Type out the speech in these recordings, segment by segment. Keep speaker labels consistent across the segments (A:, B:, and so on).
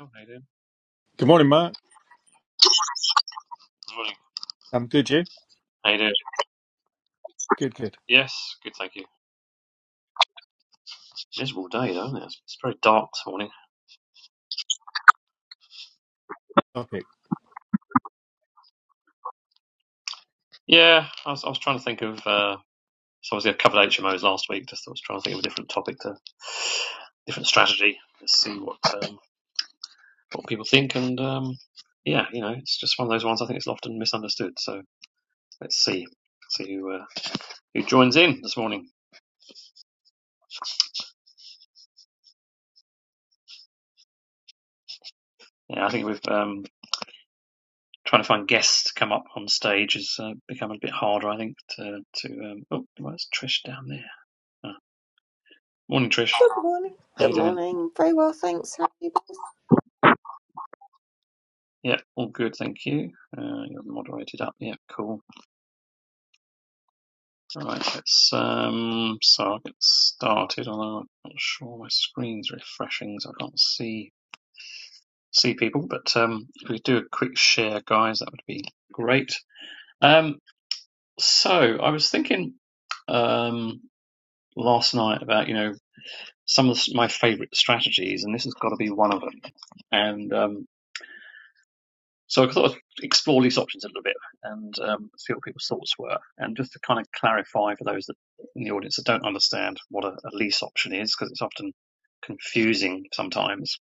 A: Oh, how you doing?
B: Good morning, Mark.
A: Good morning.
B: I'm good. You
A: How you doing?
B: good? Good.
A: Yes, good, thank you. Miserable day though, isn't it? It's, it's very dark this morning.
B: Topic.
A: Yeah, I was, I was trying to think of. Uh, so obviously I covered HMOs last week. Just I was trying to think of a different topic to, different strategy. Let's see what um, what people think. And um, yeah, you know, it's just one of those ones. I think it's often misunderstood. So let's see, see who uh, who joins in this morning. Yeah, I think we've um, trying to find guests to come up on stage has uh, become a bit harder. I think to to um, oh, where's Trish down there? Morning, Trish.
C: morning.
A: How
C: Good
A: you doing?
C: morning. Very well, thanks. How are you?
A: Yeah, all good, thank you. Uh, you're moderated up. Yeah, cool. All right, let's um, so I'll get started. Although I'm not sure my screen's refreshing, so I can't see see people. But um, if we do a quick share, guys, that would be great. Um, so I was thinking um last night about you know some of my favorite strategies, and this has got to be one of them. And um, So I thought I'd explore these options a little bit and um, see what people's thoughts were. And just to kind of clarify for those that in the audience that don't understand what a, a lease option is, because it's often confusing sometimes.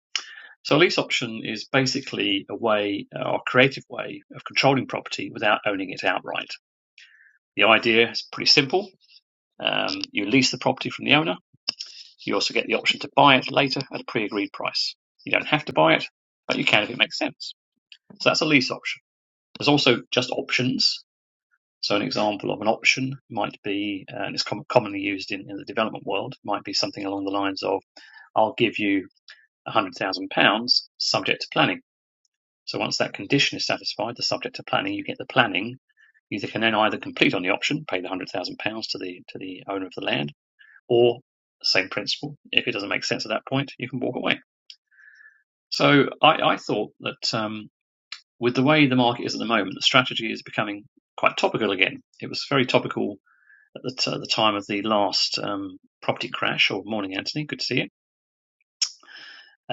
A: So a lease option is basically a way uh, or a creative way of controlling property without owning it outright. The idea is pretty simple. Um, you lease the property from the owner. You also get the option to buy it later at a pre-agreed price. You don't have to buy it, but you can if it makes sense. So that's a lease option. There's also just options. So an example of an option might be, and it's com- commonly used in, in the development world, might be something along the lines of, I'll give you £100,000 subject to planning. So once that condition is satisfied, the subject to planning, you get the planning. You can then either complete on the option, pay the £100,000 to the, to the owner of the land, or same principle, if it doesn't make sense at that point, you can walk away. So I, I thought that um, with the way the market is at the moment, the strategy is becoming quite topical again. It was very topical at the, t- at the time of the last um, property crash. Or morning, Anthony. Good to see you.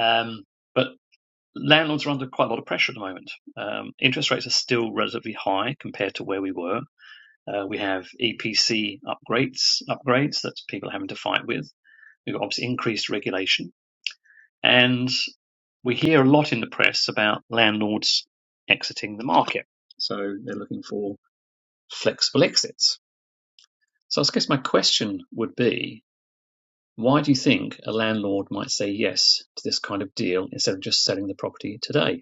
A: Um, but landlords are under quite a lot of pressure at the moment. Um, interest rates are still relatively high compared to where we were. Uh, we have EPC upgrades upgrades that people are having to fight with. We've got obviously increased regulation, and we hear a lot in the press about landlords exiting the market. So they're looking for flexible exits. So I guess my question would be Why do you think a landlord might say yes to this kind of deal instead of just selling the property today?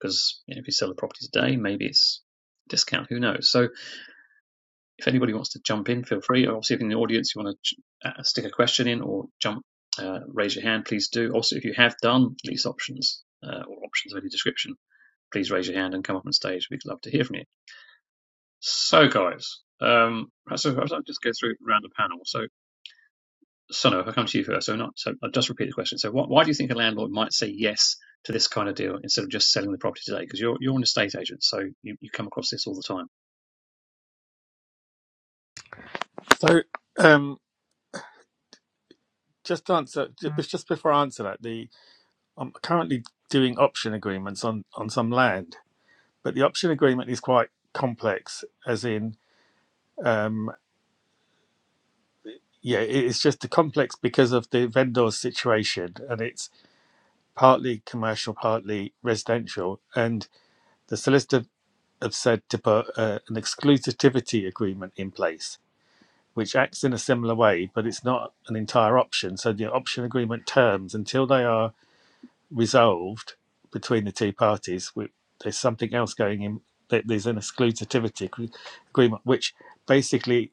A: Because you know, if you sell the property today, maybe it's a discount. Who knows? So if anybody wants to jump in, feel free. Obviously, if in the audience you want to uh, stick a question in or jump, uh, raise your hand, please do. Also, if you have done lease options uh, or options of any description, please raise your hand and come up on stage. We'd love to hear from you. So, guys, um, perhaps, I'll just go through around the panel. So, So no, if I come to you first, so not so I'll just repeat the question. So wh why do you think a landlord might say yes to this kind of deal instead of just selling the property today? Because you're you're an estate agent, so you, you come across this all the time.
B: So, um, just to answer. ju- Mm. Just, before I answer that, the I'm currently doing option agreements on on some land, but the option agreement is quite complex. As in, um, yeah, it- it's just complex because of the vendor's situation, and it's partly commercial, partly residential, and the solicitor have said to put uh, an exclusivity agreement in place which acts in a similar way, but it's not an entire option. So the option agreement terms, until they are resolved between the two parties, we, there's something else going in. There's an exclusivity agreement, which basically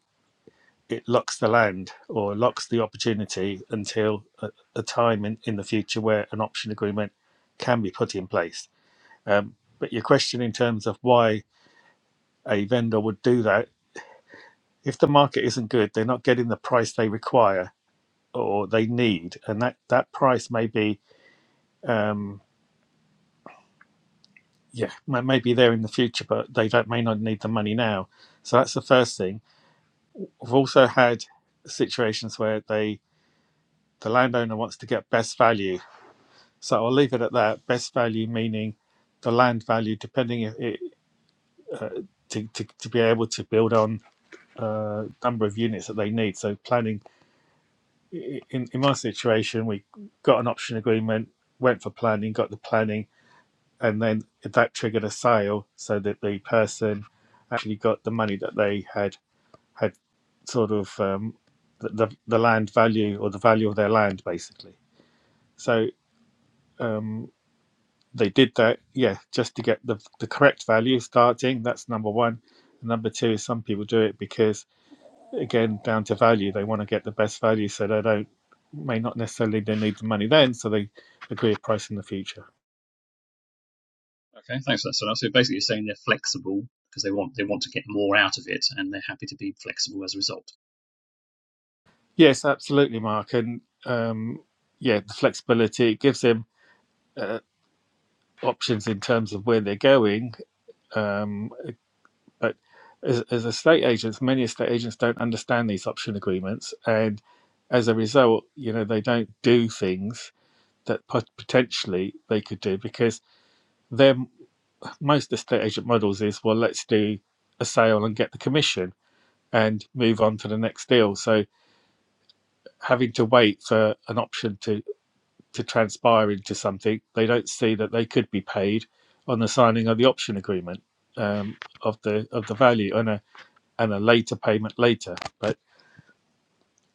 B: it locks the land or locks the opportunity until a, a time in, in the future where an option agreement can be put in place. Um, but your question in terms of why a vendor would do that, if the market isn't good, they're not getting the price they require or they need, and that that price may be um, yeah may, be there in the future, but they don't may not need the money now. So that's the first thing. We've also had situations where they the landowner wants to get best value. So I'll leave it at that. Best value meaning the land value, depending if it, uh, to, to to be able to build on a uh, number of units that they need. So planning in in my situation, we got an option agreement, went for planning, got the planning and then that triggered a sale so that the person actually got the money that they had had sort of um, the, the land value or the value of their land basically so um, they did that yeah just to get the, the correct value starting that's number one And number two is some people do it because again down to value they want to get the best value so they don't may not necessarily they need the money then so they agree a price in the future
A: Okay, thanks for that. So, so basically you're saying they're flexible because they want they want to get more out of it and they're happy to be flexible as a result.
B: Yes, absolutely, Mark. And um, yeah, the flexibility it gives them uh, options in terms of where they're going. Um, but as, as estate agents, many estate agents don't understand these option agreements, and as a result, you know they don't do things that pot- potentially they could do because their most estate agent models is well, let's do a sale and get the commission and move on to the next deal. So having to wait for an option to to transpire into something, they don't see that they could be paid on the signing of the option agreement um, of the of the value and a and a later payment later. But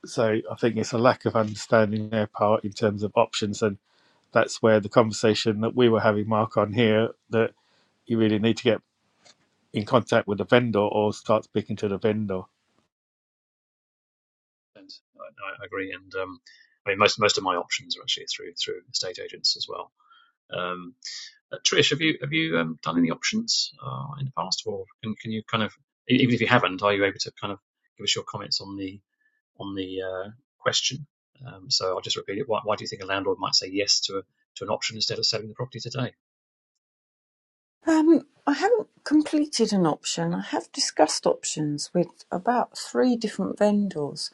B: so I think it's a lack of understanding their part in terms of options, and that's where the conversation that we were having, Mark, on here that you really need to get in contact with the vendor or start speaking to the vendor.
A: And I, I agree. And um, I mean most most of my options are actually through through estate agents as well. Um. Uh, Trish, have you have you um, done any options uh, in the past, or can can you kind of e- even if you haven't, are you able to kind of give us your comments on the on the uh, question? Um, so I'll just repeat it. Why, why do you think a landlord might say yes to a, to an option instead of selling the property today?
C: Um, I haven't completed an option. I have discussed options with about three different vendors,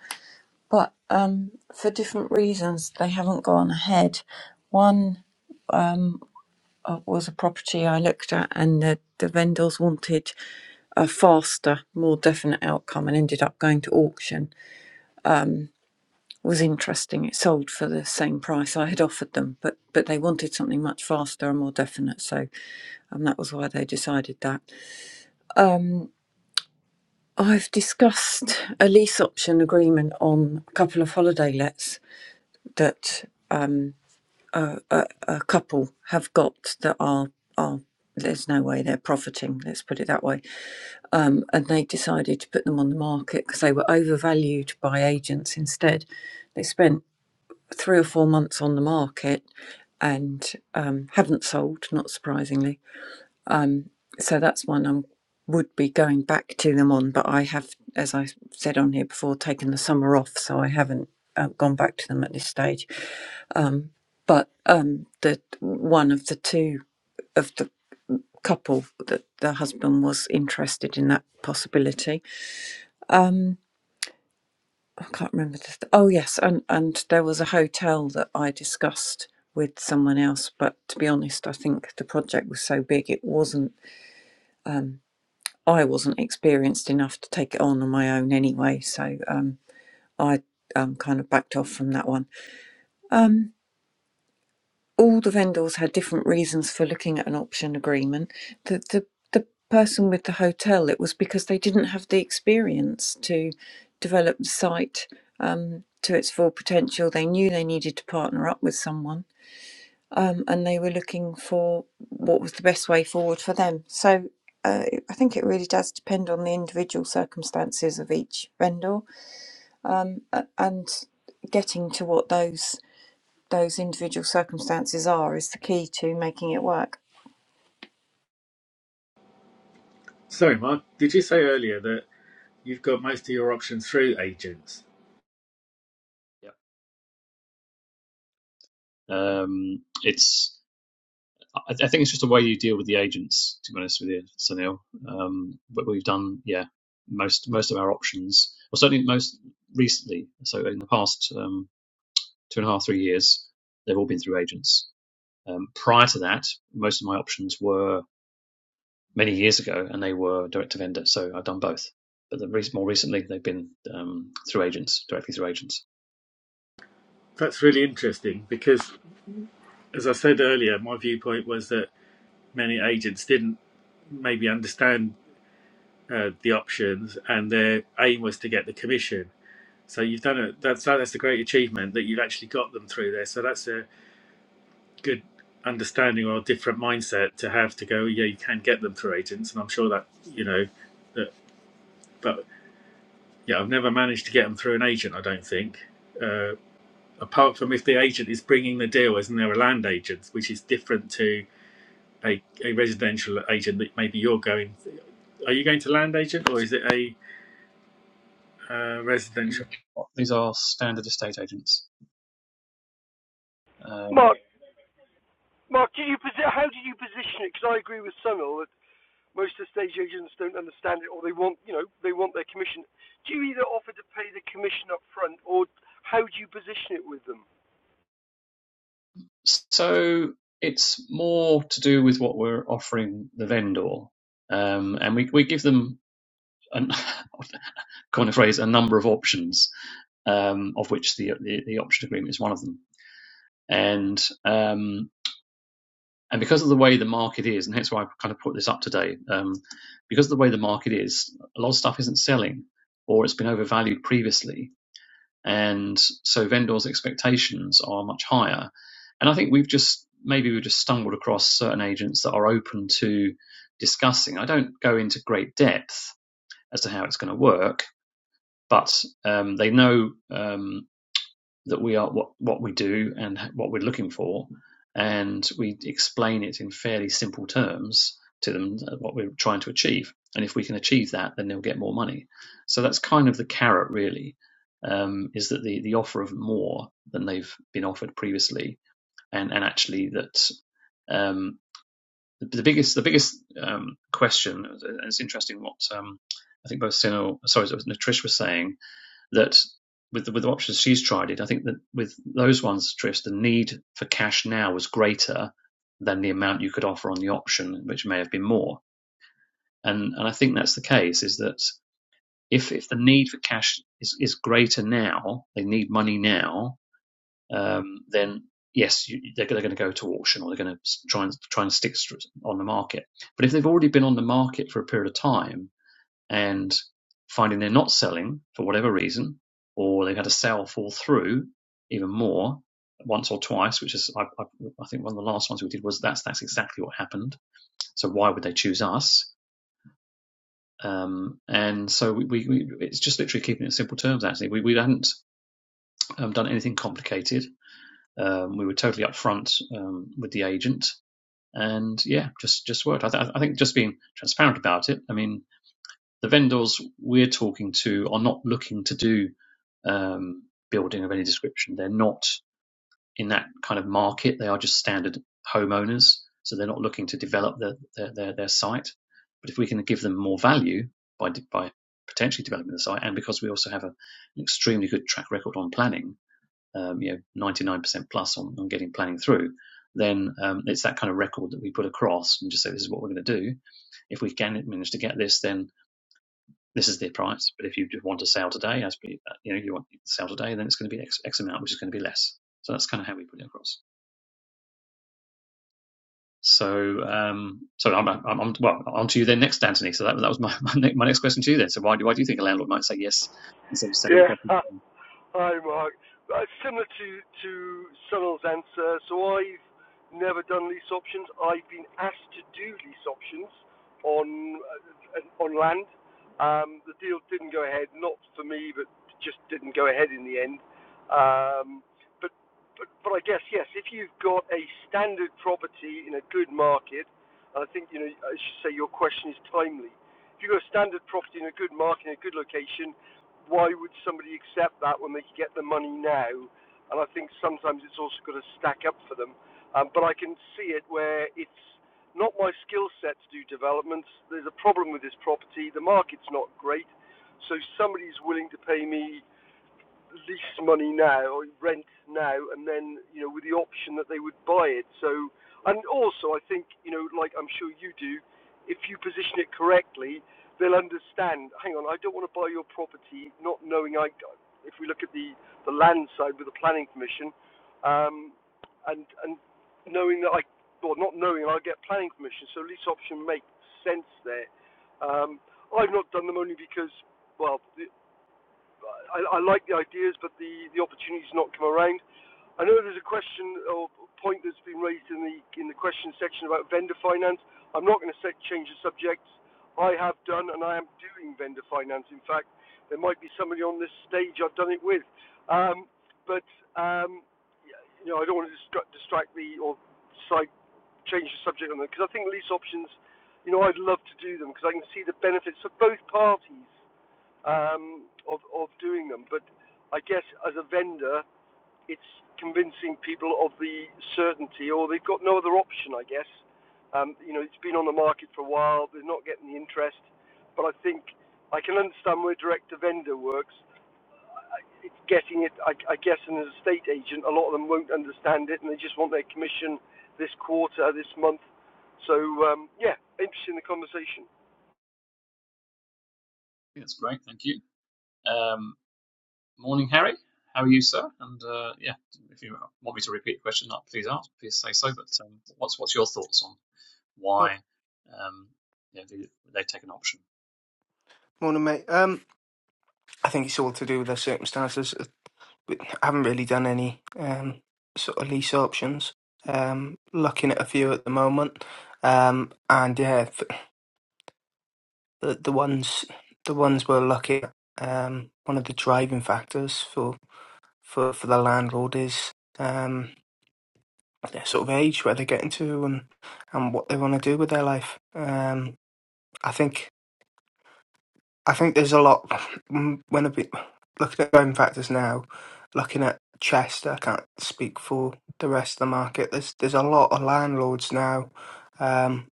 C: but um, for different reasons, they haven't gone ahead. One uh, was a property I looked at, and the, the vendors wanted a faster, more definite outcome and ended up going to auction. was interesting. It sold for the same price I had offered them, but but they wanted something much faster and more definite. So, and that was why they decided that. Um, I've discussed a lease option agreement on a couple of holiday lets that um, a, a, a couple have got that are are. There's no way they're profiting, let's put it that way. Um, and they decided to put them on the market because they were overvalued by agents instead. They spent three or four months on the market and um, haven't sold, not surprisingly. So that's one I would be going back to them on, but I have, as I said on here before, taken the summer off, so I haven't uh, gone back to them at this stage. Um, but um, the one of the two of the couple that the husband was interested in that possibility. Um, I can't remember the. Th- oh yes, and and there was a hotel that I discussed with someone else. But to be honest, I think the project was so big it wasn't. Um, I wasn't experienced enough to take it on on my own anyway. So um, I um, kind of backed off from that one. Um, all the vendors had different reasons for looking at an option agreement. The the the person with the hotel, it was because they didn't have the experience to develop the site um, to its full potential. They knew they needed to partner up with someone, um, and they were looking for what was the best way forward for them. So. Uh, I think it really does depend on the individual circumstances of each vendor um, a- and getting to what those those individual circumstances are is the key to making it work.
B: Sorry, Mark, did you say earlier that you've got most of your options through agents?
A: Yeah. Um, it's I, I think it's just the way you deal with the agents. To be honest with you, Sunil, um, but we've done yeah most most of our options, or certainly most recently. So in the past um, two and a half three years, they've all been through agents. Um, prior to that, most of my options were many years ago, and they were direct to vendor. So I've done both, but the re- more recently they've been um, through agents, directly through agents.
B: That's really interesting because as I said earlier, my viewpoint was that many agents didn't maybe understand uh, the options, and their aim was to get the commission. So you've done it. That's that's a great achievement that you've actually got them through there. So that's a good understanding or a different mindset to have to go. Yeah, you can get them through agents, and I'm sure that you know that. But yeah, I've never managed to get them through an agent. I don't think. Uh, apart from if the agent is bringing the deal as and they're a land agent, which is different to a, a residential agent that maybe you're going are you going to land agent or is it a uh,
A: These
B: residential
A: are, these are standard estate agents. Um,
D: Mark, Mark, do you posi- how do you position it? Because I agree with Sunil that most of the stage agents don't understand it, or they want, you know, they want their commission. Do you either offer to pay the commission up front, or how do you position it with them?
A: So it's more to do with what we're offering the vendor, um, and we we give them an kind of phrase a number of options, um, of which the, the the option agreement is one of them, and um, and because of the way the market is, and hence why I kind of put this up today, um, because of the way the market is, a lot of stuff isn't selling, or it's been overvalued previously, and so vendors' expectations are much higher. And I think we've just maybe we've just stumbled across certain agents that are open to discussing. I don't go into great depth as to how it's going to work, but um, they know. Um, that we are what, what we do and what we're looking for, and we explain it in fairly simple terms to them uh, what we're trying to achieve. And if we can achieve that, then they'll get more money. So that's kind of the carrot, really, um, is that the the offer of more than they've been offered previously, and and actually that. Um, the the biggest, the biggest um, question, and it's interesting what um, I think both Sino, sorry, it was Natrish was saying, that with the, with the options she's tried it, I think that with those ones, Trish, the need for cash now was greater than the amount you could offer on the option, which may have been more. And and I think that's the case is that if if the need for cash is, is greater now, they need money now, um, then yes, you, they're, they're going to go to auction or they're going to try and try and stick on the market. But if they've already been on the market for a period of time, and finding they're not selling for whatever reason, or they've had a sale fall through even more once or twice, which is I, I, I think one of the last ones we did was that's that's exactly what happened. So why would they choose us? Um, and so we, we, we it's just literally keeping it in simple terms. Actually, we we hadn't um, done anything complicated. Um, we were totally upfront um, with the agent, and yeah, just just worked. I, th- I think just being transparent about it. I mean, the vendors we're talking to are not looking to do um, building of any description. They're not in that kind of market. They are just standard homeowners, so they're not looking to develop their their, their, their site. But if we can give them more value by by potentially developing the site, and because we also have a, an extremely good track record on planning, um, you know, 99% plus on, on getting planning through, then um, it's that kind of record that we put across and just say this is what we're going to do. If we can manage to get this, then this is their price. But if you just want to sell today, as you know, you want to sell today, then it's going to be X, X amount, which is going to be less. So that's kind of how we put it across. So, um, so I'm, I'm, I'm well on to you then next, Anthony. So that, that was my, my, my next question to you then. So why do why do you think a landlord might say yes instead of selling property?
D: Yeah, Hi, Mark. Uh, similar to to Sunil's answer, so I've never done lease options. I've been asked to do lease options on uh, on land. Um, the deal didn't go ahead, not for me, but just didn't go ahead in the end. Um, but, but but I guess yes, if you've got a standard property in a good market, and I think you know I should say your question is timely. If you've got a standard property in a good market, in a good location, why would somebody accept that when they get the money now? And I think sometimes it's also got to stack up for them. Um, but I can see it where it's not my skill set to do developments. There's a problem with this property. The market's not great. So somebody's willing to pay me lease money now or rent now, and then you know with the option that they would buy it. So, and also I think you know, like I'm sure you do, if you position it correctly, they'll understand. Hang on, I don't want to buy your property, not knowing I. If we look at the the land side with the planning permission, um, and and knowing that I, well, not knowing I get planning permission, so lease option makes sense there. Um, I've not done them only because, well, the, I, I like the ideas, but the, the opportunity's not come around. I know there's a question or point that's been raised in the in the question section about vendor finance. I'm not going to set, change the subject. I have done and I am doing vendor finance. In fact, there might be somebody on this stage I've done it with. Um, but um, yeah, you know, I don't want to distract, distract the or side change the subject on them because I think lease options. You know, I'd love to do them because I can see the benefits for both parties um, of of doing them. But I guess as a vendor, it's convincing people of the certainty, or they've got no other option. I guess um, you know it's been on the market for a while. They're not getting the interest, but I think I can understand where direct to vendor works. It's getting it. I, I guess, and as a estate agent, a lot of them won't understand it, and they just want their commission this quarter, this month. So um, yeah, interesting the conversation.
A: That's great, thank you. Um, morning, Harry. How are you, sir? And uh, yeah, if you want me to repeat the question, uh, please ask, please say so. But um, what's what's your thoughts on
E: Mo-
A: why um, you know, they, they take an option?
E: Morning, mate. Um, I think it's all to do with the circumstances. I haven't really done any um, sort of lease options. Um, looking at a few at the moment, um, and yeah, f- the, the ones the ones we're looking at. Um, one of the driving factors for for, for the landlord is um, their sort of age, where they're getting to, and and what they want to do with their life. Um, I think I think there's a lot mm, when I've been looking at going factors now, looking at Chester, I can't speak for the rest of the market. There's there's a lot of landlords now um,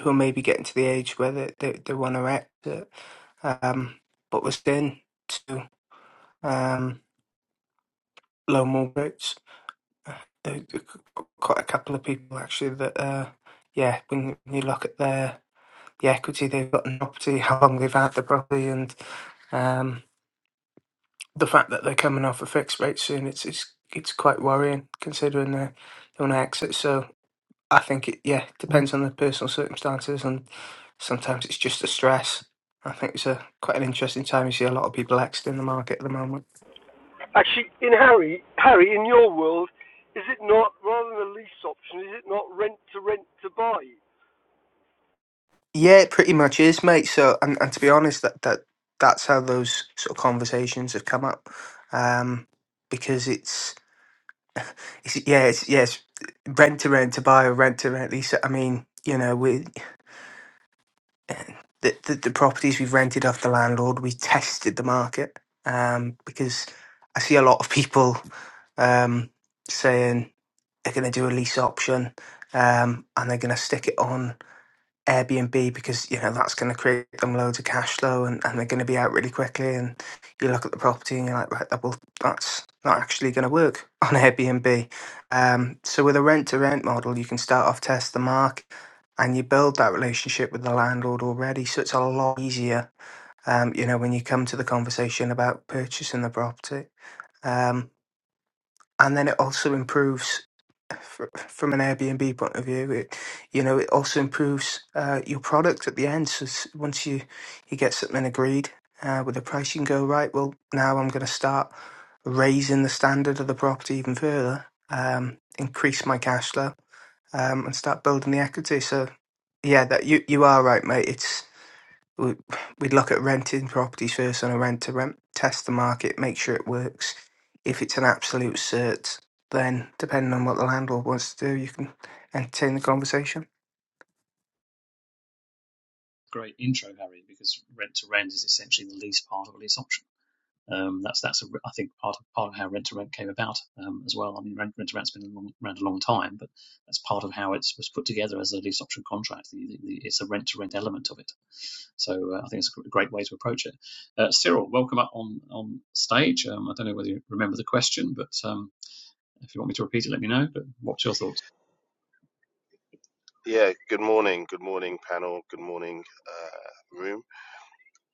E: who are maybe getting to the age where they, they, they want to exit, um, but we're staying to um, low mortgages. There- there qu- Quite a couple of people actually that, uh, yeah, when you look at their the equity they've got in the property, how long they've had the property, and um, the fact that they're coming off a fixed rate soon, it's it's it's quite worrying considering they they want to exit. So I think it yeah depends on the personal circumstances, and sometimes it's just the stress. I think it's a quite an interesting time. You see a lot of people exiting the market at the moment.
D: Actually, in Harry, Harry, in your world, is it not rather than a lease option? Is it not rent to rent to buy?
E: Yeah, it pretty much is, mate. So and, and to be honest, that that that's how those sort of conversations have come up, um, because it's it's yeah it's yes rent to rent to buy or rent to rent lease. I mean, you know, we the, the, the properties we've rented off the landlord, we tested the market um, because I see a lot of people um, saying they're going to do a lease option um, and they're going to stick it on. Airbnb because you know that's going to create them loads of cash flow and, and they're going to be out really quickly and you look at the property and you're like right that will that's not actually going to work on Airbnb. Um, so with a rent to rent model, you can start off test the mark and you build that relationship with the landlord already. So it's a lot easier, um, you know, when you come to the conversation about purchasing the property. um and then it also improves fr- from an Airbnb point of view. It, you know, it also improves uh, your product at the end. So s- once you you get something agreed uh, with the price, you can go right. Well, now I'm going to start raising the standard of the property even further, um, increase my cash flow, um, and start building the equity. So yeah, that you you are right, mate. It's we- we'd look at renting properties first on a rent to rent, test the market, make sure it works. If it's an absolute cert, then depending on what the landlord wants to do, you can entertain the conversation.
A: great intro, Harry, because rent to rent is essentially the lease part of a lease option. Um, that's that's a, I think part of part of how rent to rent came about um, as well. I mean, rent rent to rent's been a long, around a long time, but that's part of how it was put together as a lease option contract. The, the, the, it's a rent to rent element of it. So uh, I think it's a great way to approach it. Uh, Cyril, welcome up on on stage. Um, I don't know whether you remember the question, but um, if you want me to repeat it, let me know. But what's your thoughts?
F: Yeah, good morning. Good morning, panel. Good morning, uh, room.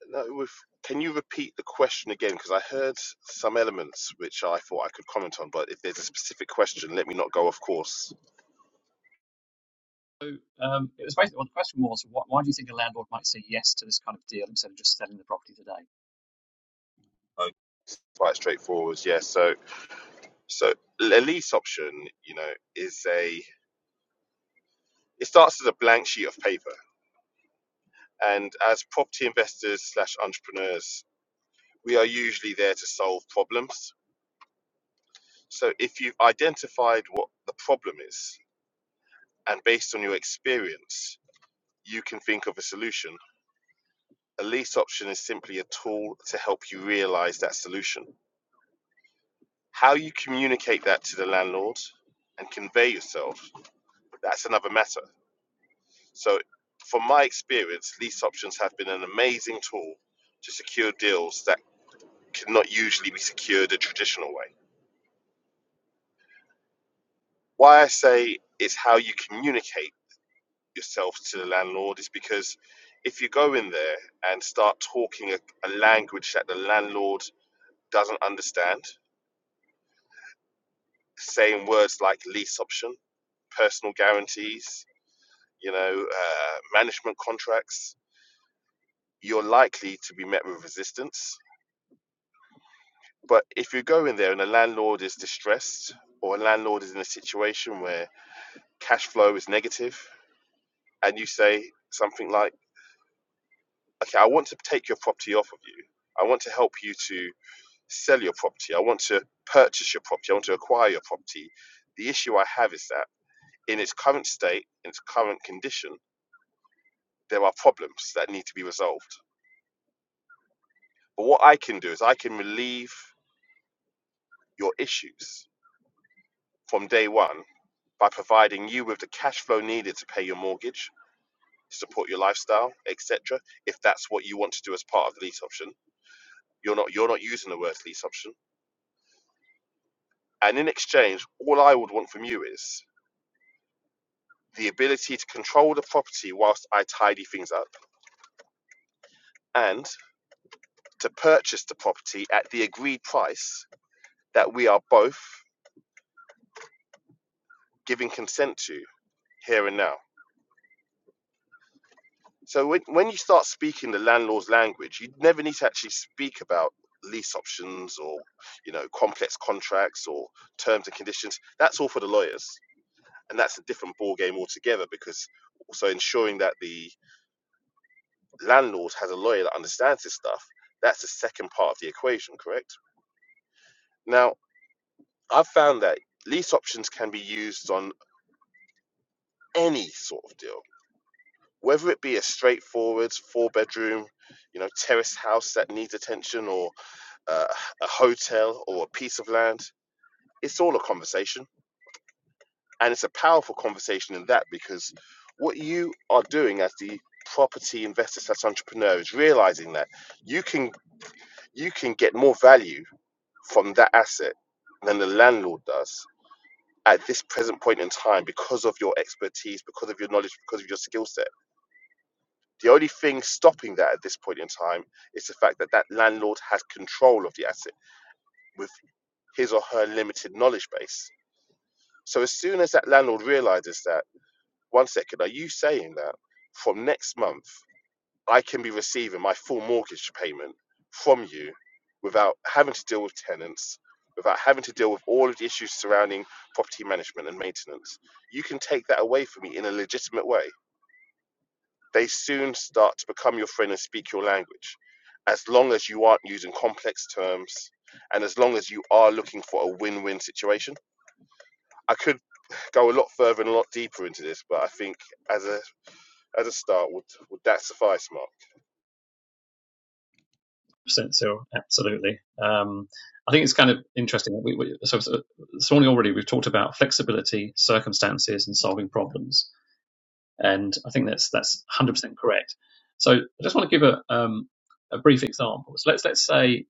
F: Now, with, can you repeat the question again? Because I heard some elements which I thought I could comment on, but if there's a specific question, let me not go off course.
A: Um, it was basically well, the question was, why, why do you think a landlord might say yes to this kind of deal instead of just selling the property today?
F: Oh, Quite straightforward. Yeah, so so a lease option, you know, is a it starts as a blank sheet of paper, and as property investors slash entrepreneurs, we are usually there to solve problems. So if you've identified what the problem is, And based on your experience, you can think of a solution. A lease option is simply a tool to help you realize that solution. How you communicate that to the landlord and convey yourself, that's another matter. So, from my experience, lease options have been an amazing tool to secure deals that cannot usually be secured a traditional way. Why I say it's how you communicate yourself to the landlord is because if you go in there and start talking a, a language that the landlord doesn't understand, saying words like lease option, personal guarantees, you know, uh, management contracts, you're likely to be met with resistance. But if you go in there and a landlord is distressed or a landlord is in a situation where cash flow is negative, and you say something like, okay, I want to take your property off of you, I want to help you to sell your property. I want to purchase your property. I want to acquire your property. The issue I have is that in its current state, in its current condition, there are problems that need to be resolved. But what I can do is I can relieve your issues from day one by providing you with the cash flow needed to pay your mortgage, support your lifestyle, etc. If that's what you want to do as part of the lease option, you're not you're not using the word lease option. And in exchange, all I would want from you is the ability to control the property whilst I tidy things up, and to purchase the property at the agreed price that we are both giving consent to here and now. So when, when you start speaking the landlord's language, you never need to actually speak about lease options or you know complex contracts or terms and conditions. That's all for the lawyers, and that's a different ball game altogether because also ensuring that the landlord has a lawyer that understands this stuff. That's the second part of the equation, correct? Now, I've found that lease options can be used on any sort of deal, whether it be a straightforward four bedroom, you know, terraced house that needs attention, or uh, a hotel or a piece of land. It's all a conversation, and it's a powerful conversation in that because what you are doing as the property investor slash entrepreneur is realizing that you can you can get more value from that asset than the landlord does at this present point in time because of your expertise, because of your knowledge, because of your skill set. The only thing stopping that at this point in time is the fact that that landlord has control of the asset with his or her limited knowledge base. So as soon as that landlord realizes that, one second, are you saying that from next month? I can be receiving my full mortgage payment from you without having to deal with tenants, without having to deal with all of the issues surrounding property management and maintenance. You can take that away from me in a legitimate way. They soon start to become your friend and speak your language, as long as you aren't using complex terms and as long as you are looking for a win win situation. I could go a lot further and a lot deeper into this, but I think as a as a start, would would that suffice, Mark?
A: percent so absolutely um, i think it's kind of interesting we, we, so, so this already we've talked about flexibility circumstances and solving problems and i think that's that's 100% correct so i just want to give a um, a brief example so let's let's say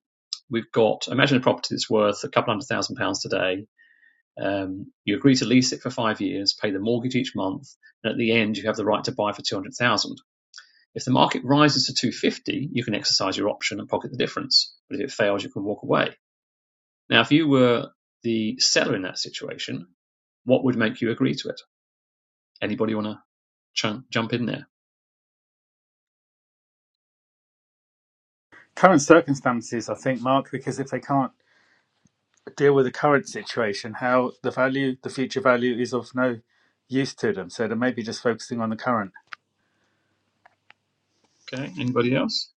A: we've got imagine a property that's worth a couple hundred thousand pounds today um, you agree to lease it for five years pay the mortgage each month and at the end you have the right to buy for 200000 if the market rises to 250, you can exercise your option and pocket the difference. But if it fails, you can walk away. Now, if you were the seller in that situation, what would make you agree to it? Anybody want to ch- jump in there?
B: Current circumstances, I think, Mark, because if they can't deal with the current situation, how the value, the future value is of no use to them. So they may be just focusing on the current.
A: Okay. Anybody else?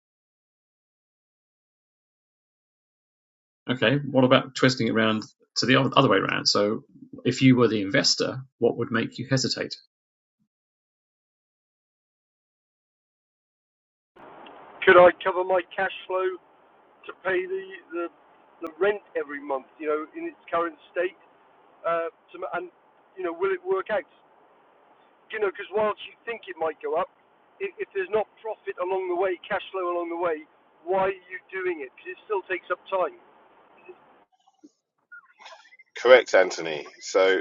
A: Okay. What about twisting it around to the other way around? So, if you were the investor, what would make you hesitate?
D: Could I cover my cash flow to pay the the, the rent every month? You know, in its current state, uh, to, and you know, will it work out? You know, because whilst you think it might go up, if, if there's not profit along the way, cash flow along the way, why are you doing it? Because it still takes up time.
F: Correct, Anthony. So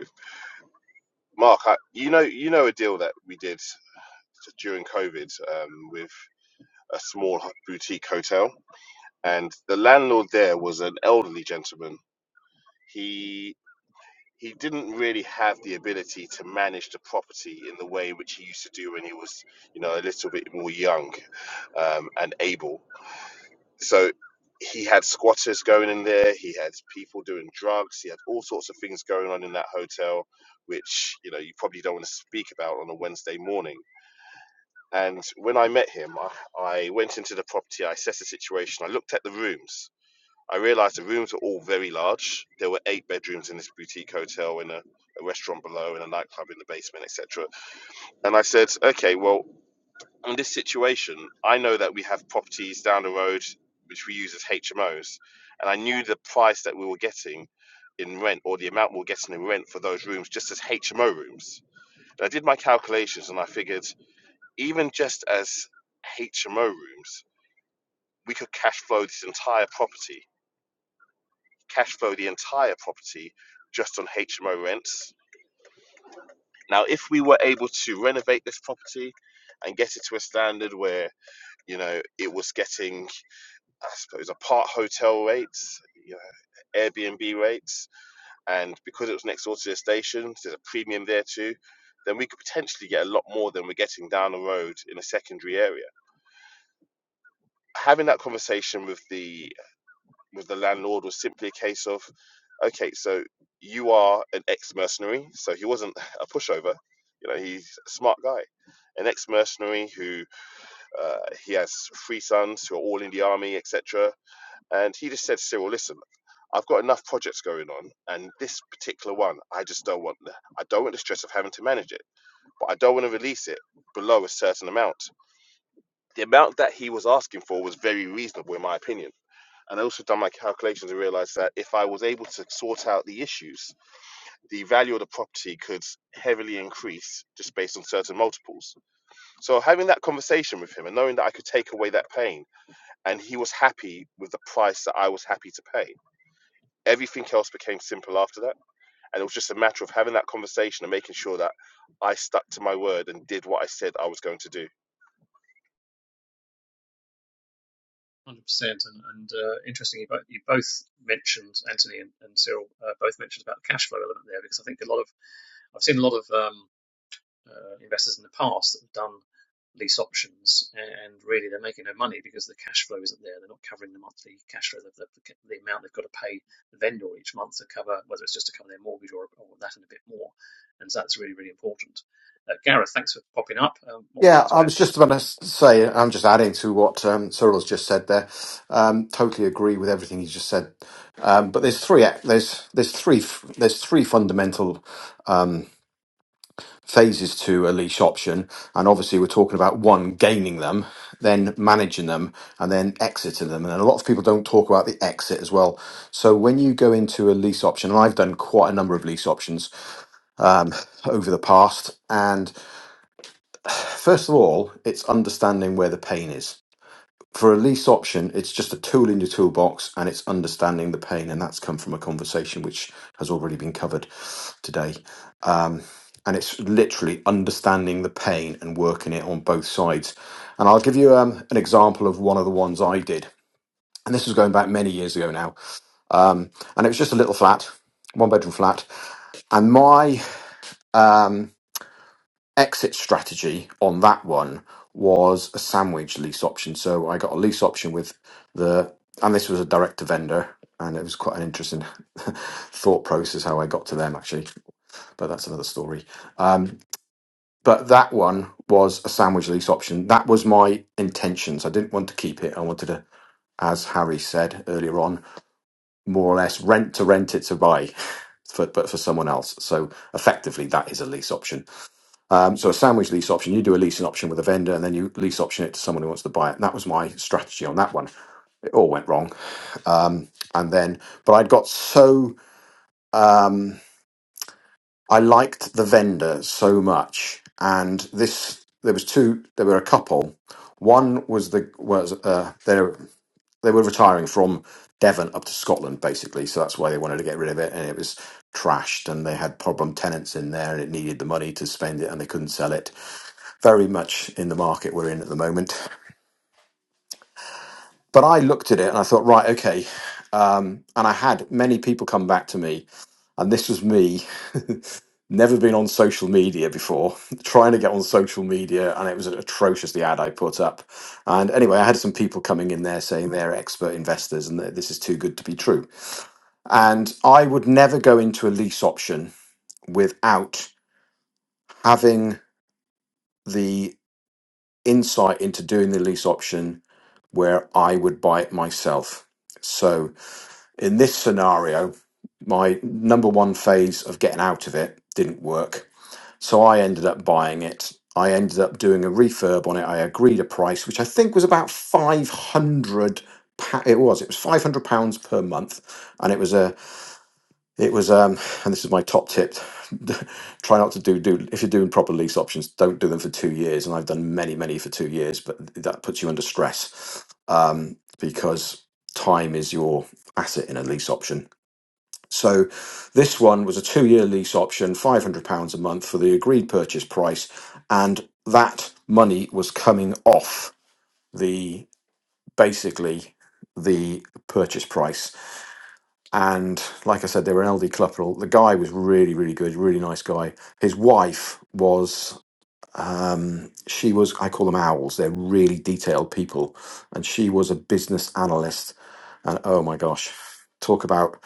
F: Mark, I, you know, you know a deal that we did during COVID um, with a small boutique hotel, and the landlord there was an elderly gentleman. He he didn't really have the ability to manage the property in the way which he used to do when he was, you know, a little bit more young um, and able. So he had squatters going in there. He had people doing drugs. He had all sorts of things going on in that hotel, which you know you probably don't want to speak about on a Wednesday morning And when I met him, I, I went into the property, I assessed the situation, I looked at the rooms. I realized the rooms were all very large. There were eight bedrooms in this boutique hotel, in a, a restaurant below, in a nightclub in the basement, etc. And I said, okay, well, in this situation, I know that we have properties down the road which we use as HMOs. And I knew the price that we were getting in rent or the amount we were getting in rent for those rooms just as HMO rooms. And I did my calculations and I figured even just as HMO rooms, we could cash flow this entire property, cash flow the entire property just on HMO rents. Now, if we were able to renovate this property and get it to a standard where, you know, it was getting, I suppose, apart hotel rates, you know, Airbnb rates, and because it was next door to the station, there's a premium there too, then we could potentially get a lot more than we're getting down the road in a secondary area. Having that conversation with the with the landlord was simply a case of, okay, so you are an ex-mercenary, so he wasn't a pushover. You know, he's a smart guy, an ex-mercenary who uh, he has three sons who are all in the army, etc. And he just said, Cyril, listen, I've got enough projects going on, and this particular one, I just don't want. the- I don't want the stress of having to manage it, but I don't want to release it below a certain amount. The amount that he was asking for was very reasonable, in my opinion and I also done my calculations and realized that if I was able to sort out the issues, the value of the property could heavily increase just based on certain multiples. So having that conversation with him and knowing that I could take away that pain and he was happy with the price that I was happy to pay. Everything else became simple after that. And it was just a matter of having that conversation and making sure that I stuck to my word and did what I said I was going to do.
A: 100%. And, and uh, interestingly, you both mentioned, Anthony and, and Cyril, uh, both mentioned about the cash flow element there, because I think a lot of I've seen a lot of um, uh, investors in the past that have done lease options, and really they're making no money because the cash flow isn't there. They're not covering the monthly cash flow, the, the, the amount they've got to pay the vendor each month to cover, whether it's just to cover their mortgage or, or that and a bit more. And so that's really, really important. Uh, Gareth, thanks for popping up. Um, what would you
G: Yeah,
A: like to
G: I was
A: add?
G: just about to say, I'm just adding to what um, Cyril's just said there. Um, totally agree with everything he's just said. Um, but there's three ac- there's there's three f- there's three fundamental phases to a leash option, and obviously we're talking about one gaining them, then managing them, and then exiting them. And a lot of people don't talk about the exit as well. So when you go into a lease option, and I've done quite a number of lease options um, over the past, and first of all, it's understanding where the pain is. for a lease option, it's just a tool in your toolbox and it's understanding the pain. And that's come from a conversation which has already been covered today. Um, and it's literally understanding the pain and working it on both sides. And I'll give you um, an example of one of the ones I did. And this was going back many years ago now. Um, and it was just a little flat, one bedroom flat. And my. um, exit strategy on that one was a sandwich lease option. So I got a lease option with the, and this was a direct to vendor, and it was quite an interesting thought process how I got to them actually, but that's another story. Um, but that one was a sandwich lease option. That was my intentions. I didn't want to keep it. I wanted to, as Harry said earlier on, more or less rent to rent it to buy. For, but for someone else. So effectively, that is a lease option um, so a sandwich lease option, you do a leasing option with a vendor and then you lease option it to someone who wants to buy it. And that was my strategy on that one. It all went wrong. Um, and then, but I'd got so, um, I liked the vendor so much. And this, there was two, there were a couple. One was the, was, uh, they're, they were retiring from Devon up to Scotland, basically. So that's why they wanted to get rid of it. And it was trashed and they had problem tenants in there and it needed the money to spend it and they couldn't sell it very much in the market we're in at the moment. But I looked at it and I thought, right, okay. Um, and I had many people come back to me, and this was me, never been on social media before, trying to get on social media, and it was atrocious the ad I put up. And anyway, I had some people coming in there saying they're expert investors and that this is too good to be true. And I would never go into a lease option without having the insight into doing the lease option where I would buy it myself. So in this scenario, my number one phase of getting out of it didn't work. So I ended up buying it. I ended up doing a refurb on it. I agreed a price, which I think was about 500 pa- it was it was 500 pounds per month and it was a it was, um, and this is my top tip: try not to do do if you're doing proper lease options, don't do them for two years. And I've done many, many for two years, but that puts you under stress um, because time is your asset in a lease option. So this one was a two-year lease option, five hundred pounds a month for the agreed purchase price, and that money was coming off the basically the purchase price and like I said, they were an LD couple. The guy was really, really good, really nice guy. His wife was, um, she was, I call them owls. They're really detailed people. And she was a business analyst. And oh my gosh, talk about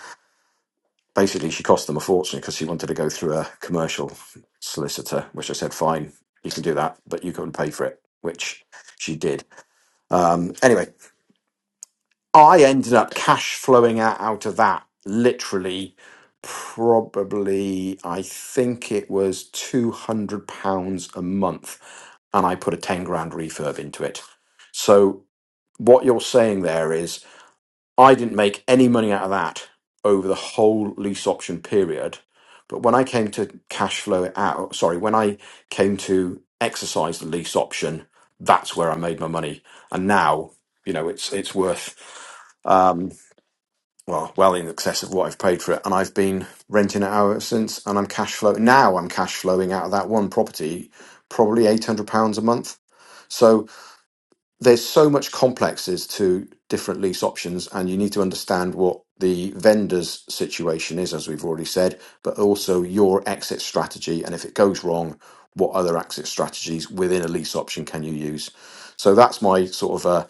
G: basically she cost them a fortune because she wanted to go through a commercial solicitor, which I said, fine, you can do that, but you couldn't pay for it, which she did. Um, anyway, I ended up cash flowing out, out of that literally probably I think it was two hundred pounds a month and I put a ten grand refurb into it. So what you're saying there is I didn't make any money out of that over the whole lease option period. But when I came to cash flow it out, sorry, when I came to exercise the lease option, that's where I made my money. And now, you know, it's it's worth um, well, well in excess of what I've paid for it. And I've been renting it out since, and I'm cash flow now. I'm cash flowing out of that one property probably eight hundred pounds a month. So there's so much complexes to different lease options, and you need to understand what the vendor's situation is, as we've already said, but also your exit strategy. And if it goes wrong, what other exit strategies within a lease option can you use? So that's my sort of uh,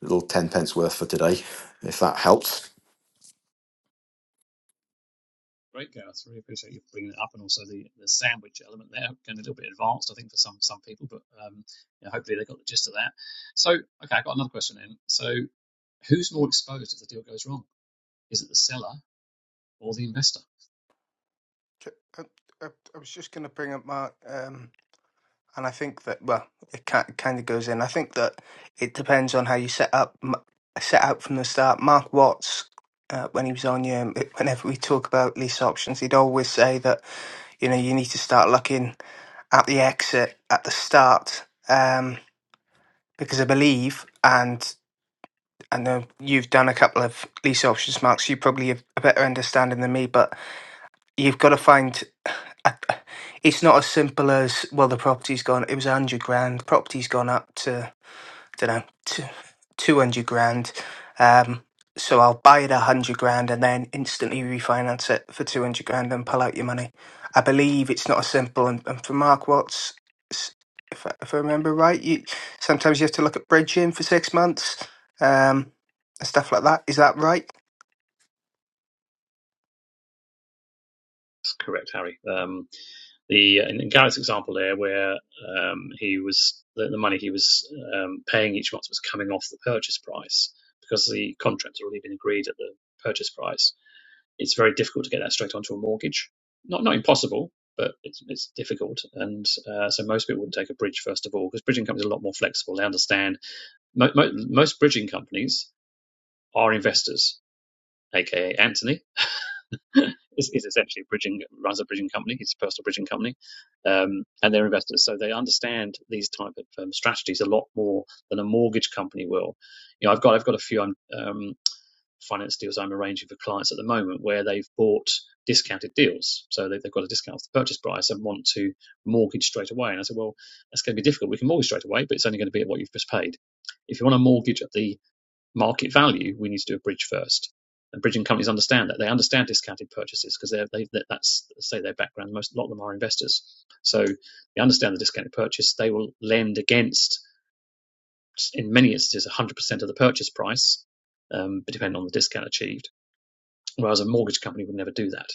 G: little 10 pence worth for today, if that helps.
A: Great, Gareth. Really appreciate you bringing it up, and also the, the sandwich element there, getting a little bit advanced, I think, for some some people. But um, you know, hopefully they got the gist of that. So, okay, I've got another question then. So, who's more exposed if the deal goes wrong? Is it the seller or the investor?
E: J- I, I, I was just going to bring up Mark, um, and I think that well, it kind of goes in. I think that it depends on how you set up m- set out from the start. Mark Watts, uh, when he was on you, whenever we talk about lease options, he'd always say that you know you need to start looking. at the exit at the start um, because I believe, and I know you've done a couple of lease options, Mark, so you probably have a better understanding than me, but you've got to find. I- It's not as simple as well. The property's gone. It was a hundred grand. Property's gone up to don't know, t- two, 200 grand. Um, so I'll buy it 100 grand and then instantly refinance it for 200 grand and pull out your money. I believe it's not as simple. And, and for Mark Watts, s- if I, if I remember right, you sometimes you have to look at bridging for six months um, and stuff like that. Is that right?
A: Correct, Harry. Um, the in Garrett's example there, where um, he was the, the money he was um, paying each month was coming off the purchase price because the contract had already been agreed at the purchase price. It's very difficult to get that straight onto a mortgage. Not not impossible, but it's it's difficult, and uh, so most people would take a bridge first of all because bridging companies are a lot more flexible. They understand mo- mo- most bridging companies are investors, aka Anthony is, is essentially a bridging runs a bridging company, It's a personal bridging company, um, and they're investors, so they understand these type of um, strategies a lot more than a mortgage company will. You know, I've got I've got a few um, um, finance deals I'm arranging for clients at the moment where they've bought discounted deals, so they, they've got a discount off the purchase price and want to mortgage straight away. And I said, well, that's going to be difficult. We can mortgage straight away, but it's only going to be at what you've just paid. If you want to mortgage at the market value, we need to do a bridge first. And bridging companies understand that. They understand discounted purchases because they're, they, that's, say, their background. Most, a lot of them are investors. So they understand the discounted purchase. They will lend against, in many instances, 100% of the purchase price, um, but depending on the discount achieved. Whereas a mortgage company would never do that.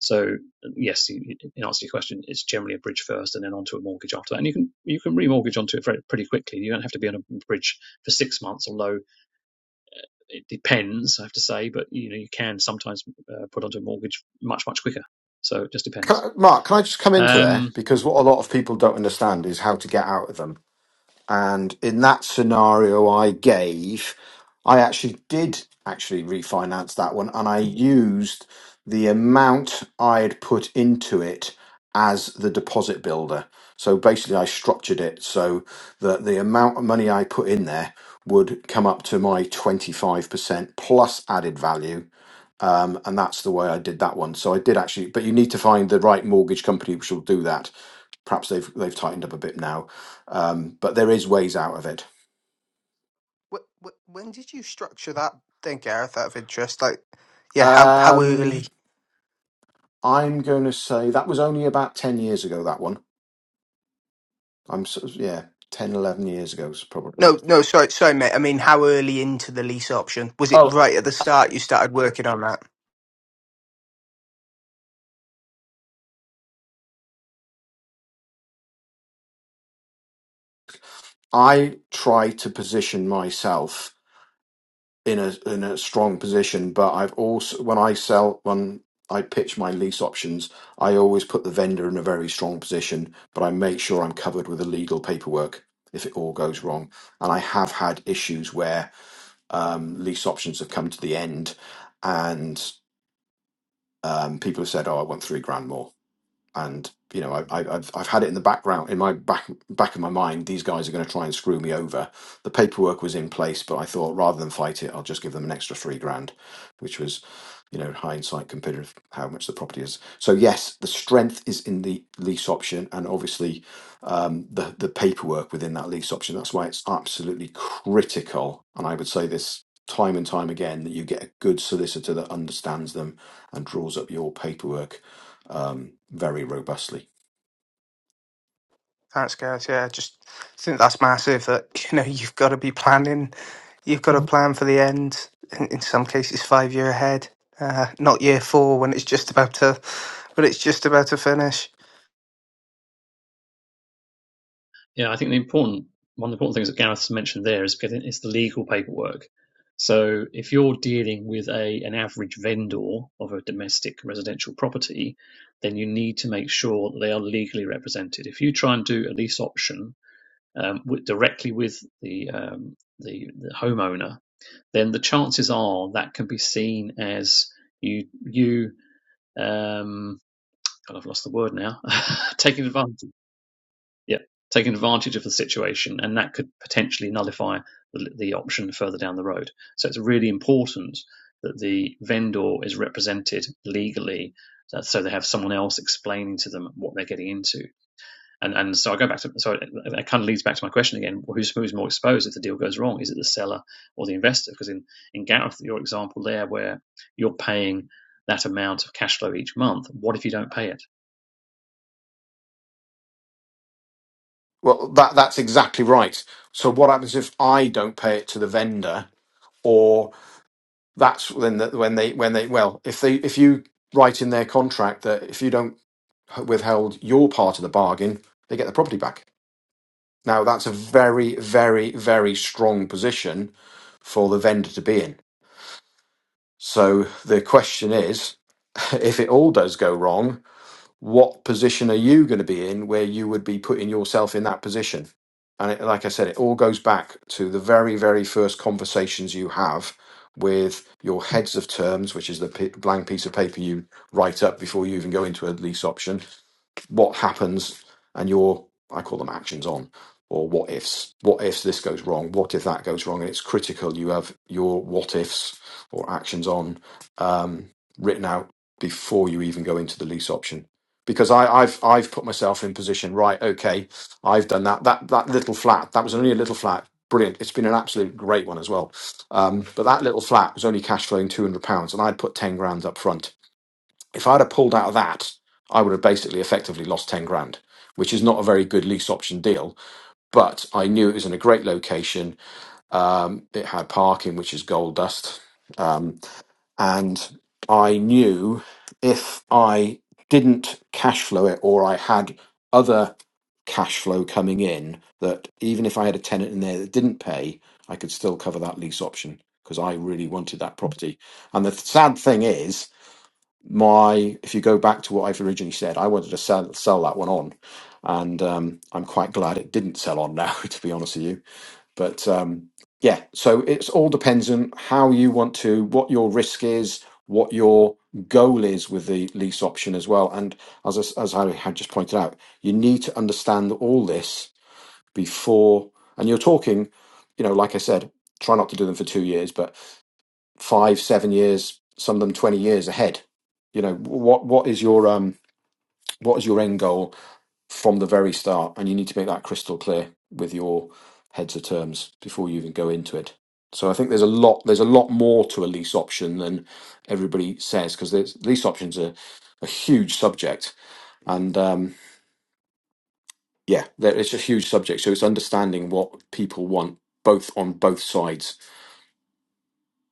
A: So yes, in answer to your question, it's generally a bridge first and then onto a mortgage after that. And you can, you can remortgage onto it very, pretty quickly. You don't have to be on a bridge for six months, although it depends, I have to say, but you know you can sometimes uh, put onto a mortgage much much quicker. So it just
G: Can
A: depends.
G: Mark, can I just come into there?
A: Um,
G: Because what a lot of people don't understand is how to get out of them And in that scenario I gave, I actually did actually refinance that one and I used the amount I had put into it as the deposit builder. So basically I structured it so that the amount of money I put in there would come up to my 25% plus added value. Um, and that's the way I did that one. So I did actually, but you need to find the right mortgage company which will do that perhaps they've they've tightened up a bit now. Um, but there is ways out of it.
E: Wh- wh- When did you structure that thing, Gareth, out of interest? Like, yeah, how, how early?
G: Um, I'm going to say that was only about 10 years ago, that one. I'm, s- yeah, 10, 11 years ago, probably.
E: No, no, sorry, sorry, mate. I mean, how early into the lease option was it?
G: Oh,
E: Right at the start, you started working on that.
G: I try to position myself in a, in a strong position, but I've also, when I sell, when I pitch my lease options, I always put the vendor in a very strong position, but I make sure I'm covered with the legal paperwork if it all goes wrong. And I have had issues where Um, lease options have come to the end, and um, people have said, "Oh, I want three grand more." and you know I, I, I've I've had it in the background in my back back of my mind. These guys are going to try and screw me over. The paperwork was in place, but I thought rather than fight it, I'll just give them an extra three grand, which was, you know, hindsight compared with how much the property is. So yes, the strength is in the lease option, and obviously um, the the paperwork within that lease option. That's why it's absolutely critical, and I would say this. Time and time again, that you get a good solicitor that understands them and draws up your paperwork um, very robustly.
E: That's good. Yeah, just think that's massive. That you know, you've got to be planning. You've got to plan for the end. In, in some cases, five year ahead, uh, not year four when it's just about to, but it's just about to finish.
A: yeah, I think the important one of the important things that Gareth's mentioned there is getting is the legal paperwork. So if you're dealing with a an average vendor of a domestic residential property, then you need to make sure that they are legally represented. If you try and do a lease option um, with, directly with the um, the, the homeowner, then the chances are that can be seen as you you um God, I've lost the word now taking advantage yeah taking advantage of the situation and that could potentially nullify the, the option further down the road so it's really important that the vendor is represented legally uh, so they have someone else explaining to them what they're getting into and and so I go back to so it, kind of leads back to my question again: who's who's more exposed if the deal goes wrong? Is it the seller or the investor? Because in in Gareth, your example there, where you're paying that amount of cash flow each month, what if you don't pay it?
G: Well, that that's exactly right. So what happens if I don't pay it to the vendor, or that's when the, when they when they well, if they if you write in their contract that if you don't withhold your part of the bargain, they get the property back. Now that's a very very very strong position for the vendor to be in. So the question is, if it all does go wrong, what position are you going to be in where you would be putting yourself in that position? And it, like I said, it all goes back to the very, very first conversations you have with your heads of terms, which is the p- blank piece of paper you write up before you even go into a lease option what happens and your I call them actions on or what ifs. What if this goes wrong? What if that goes wrong? And it's critical you have your what ifs or actions on um, written out before you even go into the lease option. Because I, I've I've put myself in position, right, okay, I've done that. That that little flat, that was only a little flat. Brilliant. It's been an absolute great one as well. Um, but that little flat was only cash flowing two hundred pounds and I'd put ten grand up front if I'd have pulled out of that, I would have basically effectively lost 10 grand, which is not a very good lease option deal. But I knew it was in a great location. Um, it had parking, which is gold dust. Um, and I knew if I didn't cash flow it or I had other cash flow coming in, that even if I had a tenant in there that didn't pay, I could still cover that lease option because I really wanted that property. And the sad thing is, my if you go back to what I've originally said, I wanted to sell sell that one on, and um, I'm quite glad it didn't sell on now, to be honest with you. But um, yeah, so it's all depends on how you want to, what your risk is, what your goal is with the lease option as well. And as I s- as I had just pointed out, you need to understand all this before, and you're talking, you know, like I said, try not to do them for two years, but five, seven years, some of them twenty years ahead. You know what what is your um what is your end goal from the very start, and you need to make that crystal clear with your heads of terms before you even go into it. So I think there's a lot there's a lot more to a lease option than everybody says because lease options are a huge subject, and um, yeah, there, it's a huge subject. So it's understanding what people want both on both sides.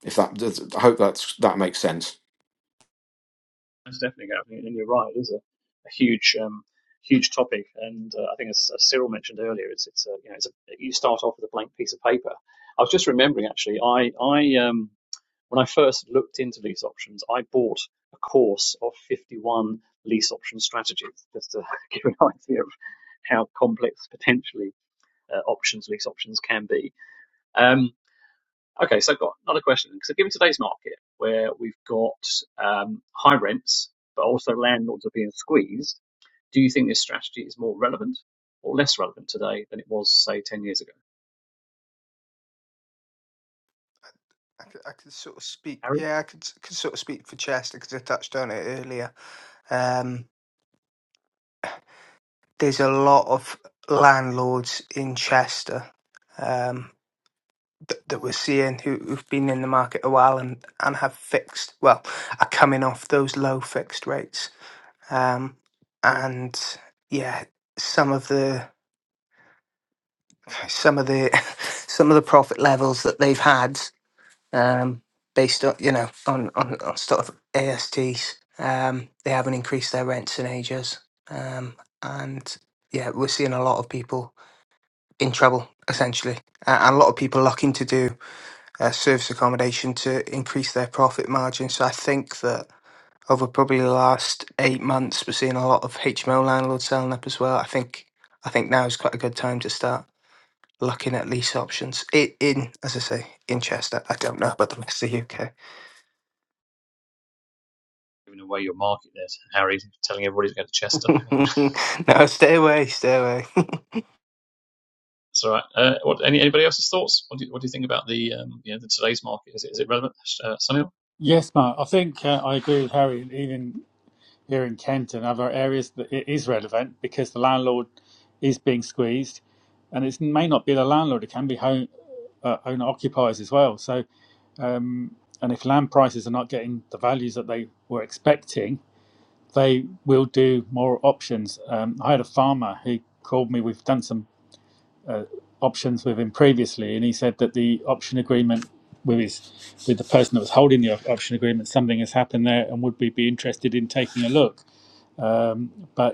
G: If that, does- I hope that's that makes sense.
A: Most definitely, Gareth, and you're right. It is a, a huge, um, huge topic, and uh, I think as, as Cyril mentioned earlier, it's it's a, you know it's a, you start off with a blank piece of paper. I was just remembering actually, I I um, When I first looked into lease options, I bought a course of 51 lease option strategies just to give an idea of how complex potentially uh, options, lease options can be. Um, okay, so I've got another question. So, given today's market where we've got um, high rents, but also landlords are being squeezed, do you think this strategy is more relevant or less relevant today than it was, say, 10 years ago?
E: I could, I could sort of speak.
A: Harry?
E: Yeah, I could, s- could sort of speak for Chester because I touched on it earlier. Um, there's a lot of landlords in Chester Um, that, that we're seeing who, who've been in the market a while and, and have fixed, well, are coming off those low fixed rates. Um, and yeah, some of the some of the some of the profit levels that they've had um, based on you know on on, on sort of ASTs, um, they haven't increased their rents in ages, um, and yeah, we're seeing a lot of people in trouble essentially, a- and a lot of people looking to do uh, service accommodation to increase their profit margin. So I think that over probably the last eight months, we're seeing a lot of HMO landlords selling up as well. I think I think now is quite a good time to start looking at lease options. It in as I say in Chester. I don't know about the rest of the UK.
A: Giving away your market there, Harry, telling everybody to go to Chester.
E: no, stay away, stay away.
A: That's all right. Uh, what, any, anybody else's thoughts? What do, you, what do you think about the um, you know the today's market? Is it is it relevant, uh, Sunil?
B: Yes, Mark, I think uh, I agree with Harry. Even here in Kent and other areas, that it is relevant because the landlord is being squeezed, and it may not be the landlord; it can be home uh, owner occupiers as well. So Um, and if land prices are not getting the values that they were expecting, they will do more options. Um, I had a farmer who called me. We've done some uh, options with him previously, and he said that the option agreement with his with the person that was holding the option agreement, something has happened there, and would we be interested in taking a look? Um, but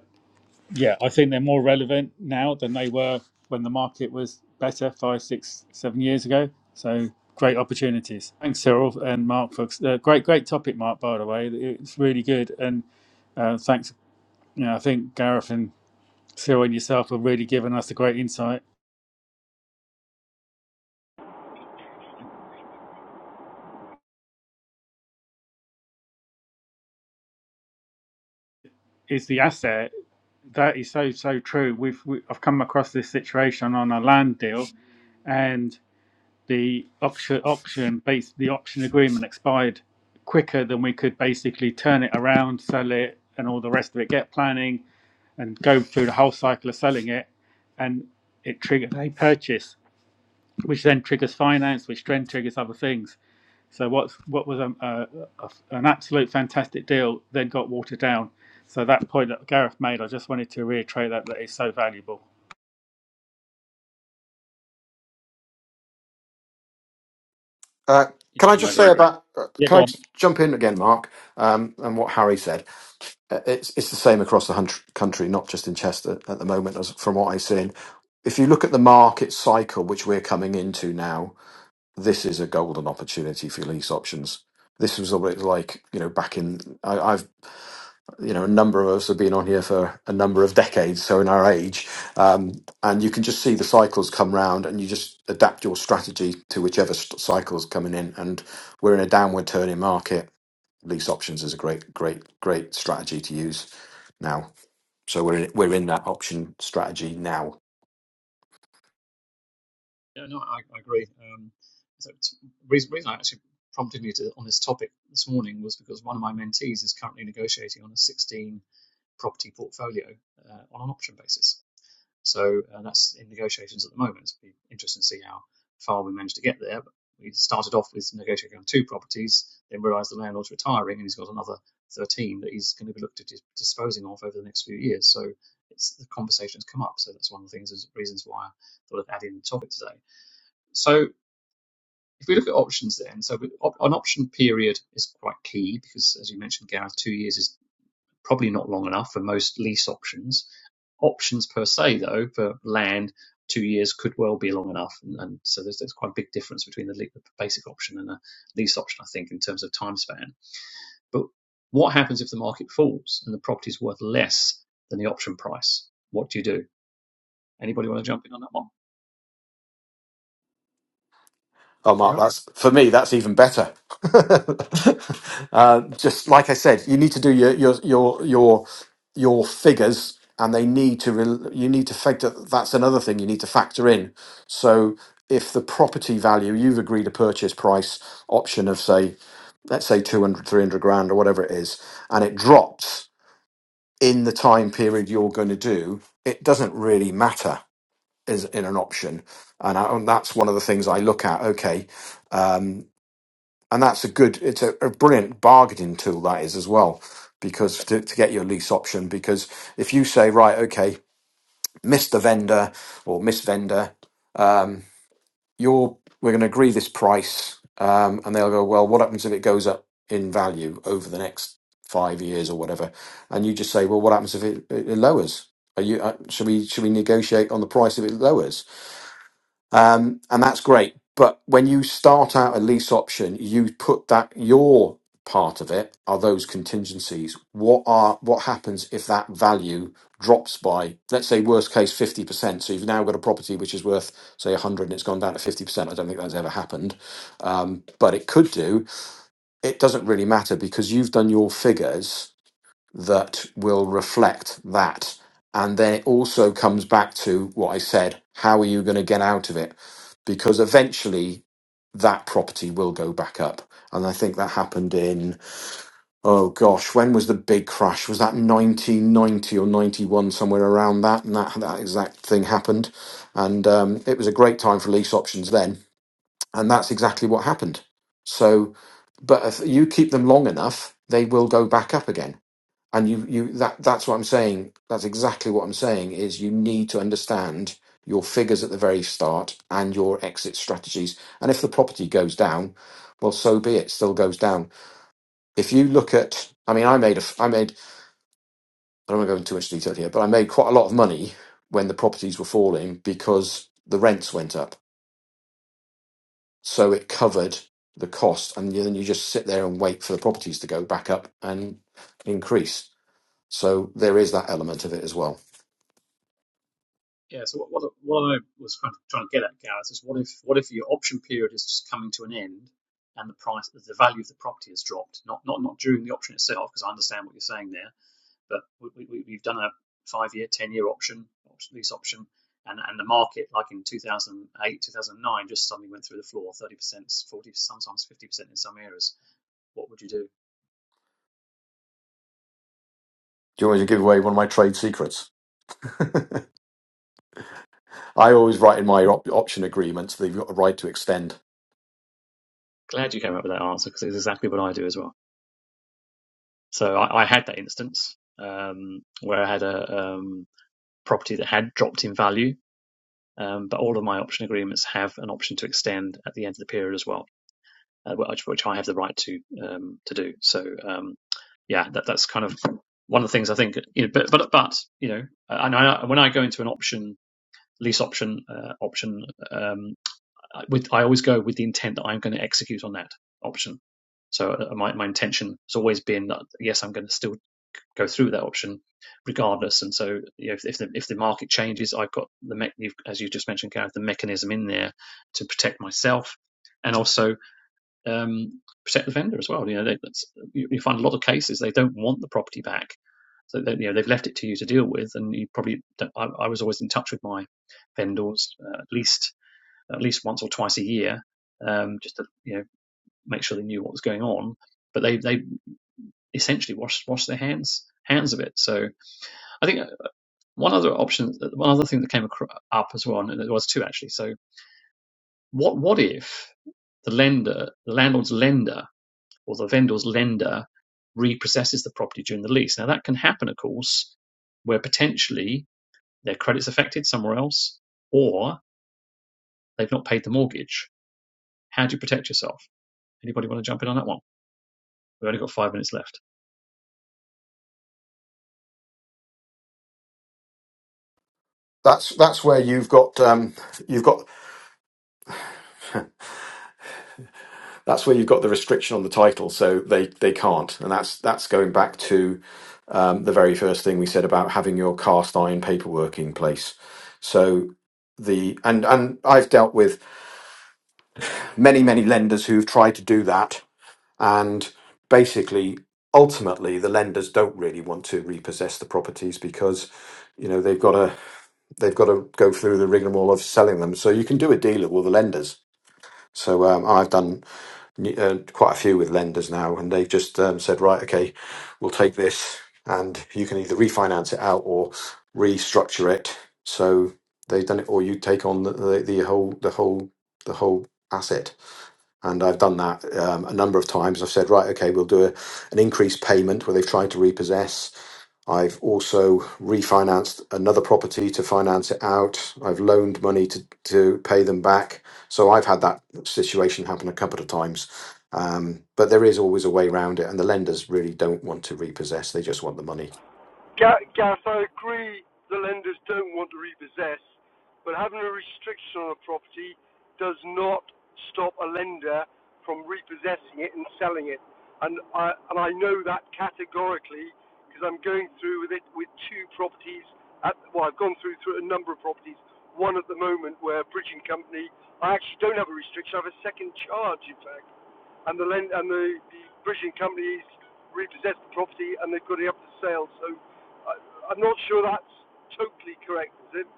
B: yeah, I think they're more relevant now than they were when the market was better five, six, seven years ago. So great opportunities. Thanks, Cyril and Mark. For, uh, great, great topic, Mark. By the way, it's really good. And uh, thanks. You know, I think Gareth and Cyril and yourself have really given us a great insight. Is the asset that is so so true. We've we, I've come across this situation on a land deal, and. the auction auction base the auction agreement expired quicker than we could basically turn it around, sell it, and all the rest of it. Get planning and go through the whole cycle of selling it, and it triggered a purchase, which then triggers finance, which then triggers other things. So what's what was um, a, a, an absolute fantastic deal then got watered down. So that point that Gareth made, I just wanted to reiterate that that is so valuable.
G: Uh, can I
A: Yeah, I
G: just say
A: agree.
G: about? uh,
A: Yeah,
G: Can
A: go
G: I
A: on.
G: just jump in again, Mark? Um, and what Harry said, Uh, it's it's the same across the hun- country, not just in Chester at the moment, as from what I've seen. If you look at the market cycle which we're coming into now, this is a golden opportunity for lease options. This was what it was like, you know, back in I, I've you know, a number of us have been on here for a number of decades, so in our age, um, and you can just see the cycles come round, and you just adapt your strategy to whichever st- cycle's coming in. And we're in a downward turning market. Lease options is a great, great, great strategy to use now. So we're in, we're in that option strategy now
A: Yeah, no, I, I agree. Um, so it's- reason reason I actually prompted me to on this topic this morning was because one of my mentees is currently negotiating on a 16 property portfolio uh, on an option basis. So uh, that's in negotiations at the moment. It'll be interesting to see how far we manage to get there. But we started off with negotiating on two properties, then realised the landlord's retiring and he's got another 13 that he's going to be looked at dis- disposing of over the next few years. So it's the conversations come up. So that's one of the things, is reasons why I thought of adding the topic today. So if we look at options then, so we- op- an option period is quite key because, as you mentioned, Gareth, two years is probably not long enough for most lease options. Options per se, though, for land, two years could well be long enough. And, and so there's, there's quite a big difference between the, le- the basic option and a lease option, I think, in terms of time span. But what happens if the market falls and the property is worth less than the option price? What do you do? Anybody want to jump in on that one?
G: Oh, Mark,
A: Yeah.
G: that's for me. That's even better. uh, just like I said, you need to do your your your your your figures, and they need to. Re- you need to factor. That's another thing you need to factor in. So, if the property value you've agreed a purchase price option of say, let's say 200, 300 grand or whatever it is, and it drops in the time period you're going to do, it doesn't really matter. Is in an option, and, I, and that's one of the things I look at. Okay, um, and that's a good it's a, a brilliant bargaining tool that is as well because to, to get your lease option because if you say right okay mr vendor or miss vendor um, you're we're going to agree this price um, and they'll go well what happens if it goes up in value over the next five years or whatever and you just say well what happens if it, it, it lowers are you uh, should we should we negotiate on the price if it lowers um, and that's great. But when you start out a lease option, you put that your part of it are those contingencies. What are what happens if that value drops by, let's say, worst case fifty percent? So you've now got a property which is worth say a hundred and it's gone down to fifty percent. I don't think that's ever happened, um, but it could do. It doesn't really matter because you've done your figures that will reflect that. And then it also comes back to what I said how are you going to get out of it? Because eventually that property will go back up. And I think that happened in, oh gosh, when was the big crash? Was that 1990 or 91, somewhere around that? And that, that exact thing happened. And um, it was a great time for lease options then. And that's exactly what happened. So, but if you keep them long enough, they will go back up again and you you that that's what i'm saying that's exactly what i'm saying is you need to understand your figures at the very start and your exit strategies and if the property goes down well so be it it still goes down if you look at i mean i made a—I made i don't want to go into too much detail here but i made quite a lot of money when the properties were falling because the rents went up so it covered the cost and then you just sit there and wait for the properties to go back up and increase so there is that element of it as well
A: Yeah, so what, what, what I was kind of trying to get at, Gareth, is what if what if your option period is just coming to an end and the price, the value of the property has dropped? Not not not during the option itself, because I understand what you're saying there, but we, we, we've done a five year, ten year option, lease option, and, and the market, like in 2008, 2009, just suddenly went through the floor 30%, 40 percent, sometimes 50% in some areas. What would you do?
G: Do you want me to give away one of my trade secrets? I always write in my op- option agreements that you've got a right to extend.
A: Glad you came up with that answer because it's exactly what I do as well. So I, I had that instance um, where I had a. Um, property that had dropped in value. Um, but all of my option agreements have an option to extend at the end of the period as well, uh, which, which I have the right to um, to do. So um, yeah, that, that's kind of one of the things I think. You know, but but but you know, and I, when I go into an option lease option uh, option, um, I- with I always go with the intent that I'm going to execute on that option. So uh, my my intention has always been that yes, I'm going to still go through with that option regardless. And so, you know, if, if the if the market changes, I've got the me- you've, as you just mentioned, Gareth, the mechanism in there to protect myself and also um, protect the vendor as well. You know, they, that's, you, you find a lot of cases they don't want the property back. So they, you know they've left it to you to deal with, and you probably. I, I was always in touch with my vendors uh, at least at least once or twice a year, um, just to you know make sure they knew what was going on. But they they essentially wash wash their hands hands of it. So I think one other option, one other thing that came up as well, and it was two actually. So, what what if the lender, the landlord's lender, or the vendor's lender repossesses the property during the lease? Now, that can happen, of course, where potentially their credit's affected somewhere else, or they've not paid the mortgage. How do you protect yourself? Anybody want to jump in on that one? We've only got five minutes left.
G: That's that's where you've got um, you've got that's where you've got the restriction on the title, so they they can't, and that's that's going back to um, the very first thing we said about having your cast iron paperwork in place. So the and and I've dealt with many many lenders who've tried to do that And basically, ultimately, the lenders don't really want to repossess the properties because you know they've got to they've got to go through the rigmarole of selling them. So you can do a deal with all the lenders. So um, I've done uh, quite a few with lenders now, and they've just um, said, right, okay, we'll take this, and you can either refinance it out or restructure it. So they've done it, or you take on the, the, the whole the whole the whole asset and I've done that um, a number of times. I've said, right, okay, we'll do a, an increased payment where they've tried to repossess. I've also refinanced another property to finance it out. I've loaned money to, to pay them back. So I've had that situation happen a couple of times. Um, but there is always a way around it. And the lenders really don't want to repossess, they just want the money.
D: Ga- Gaff, I agree the lenders don't want to repossess, but having a restriction on a property does not stop a lender from repossessing it and selling it. And I, and I know that categorically because I'm going through with it with two properties. At, well, I've gone through through a number of properties. One at the moment where a bridging company, I actually don't have a restriction. I have a second charge, in fact, and the lend, and the, the bridging companies repossessed the property and they've got it up for sale. So I, I'm not sure that's totally correct, is it?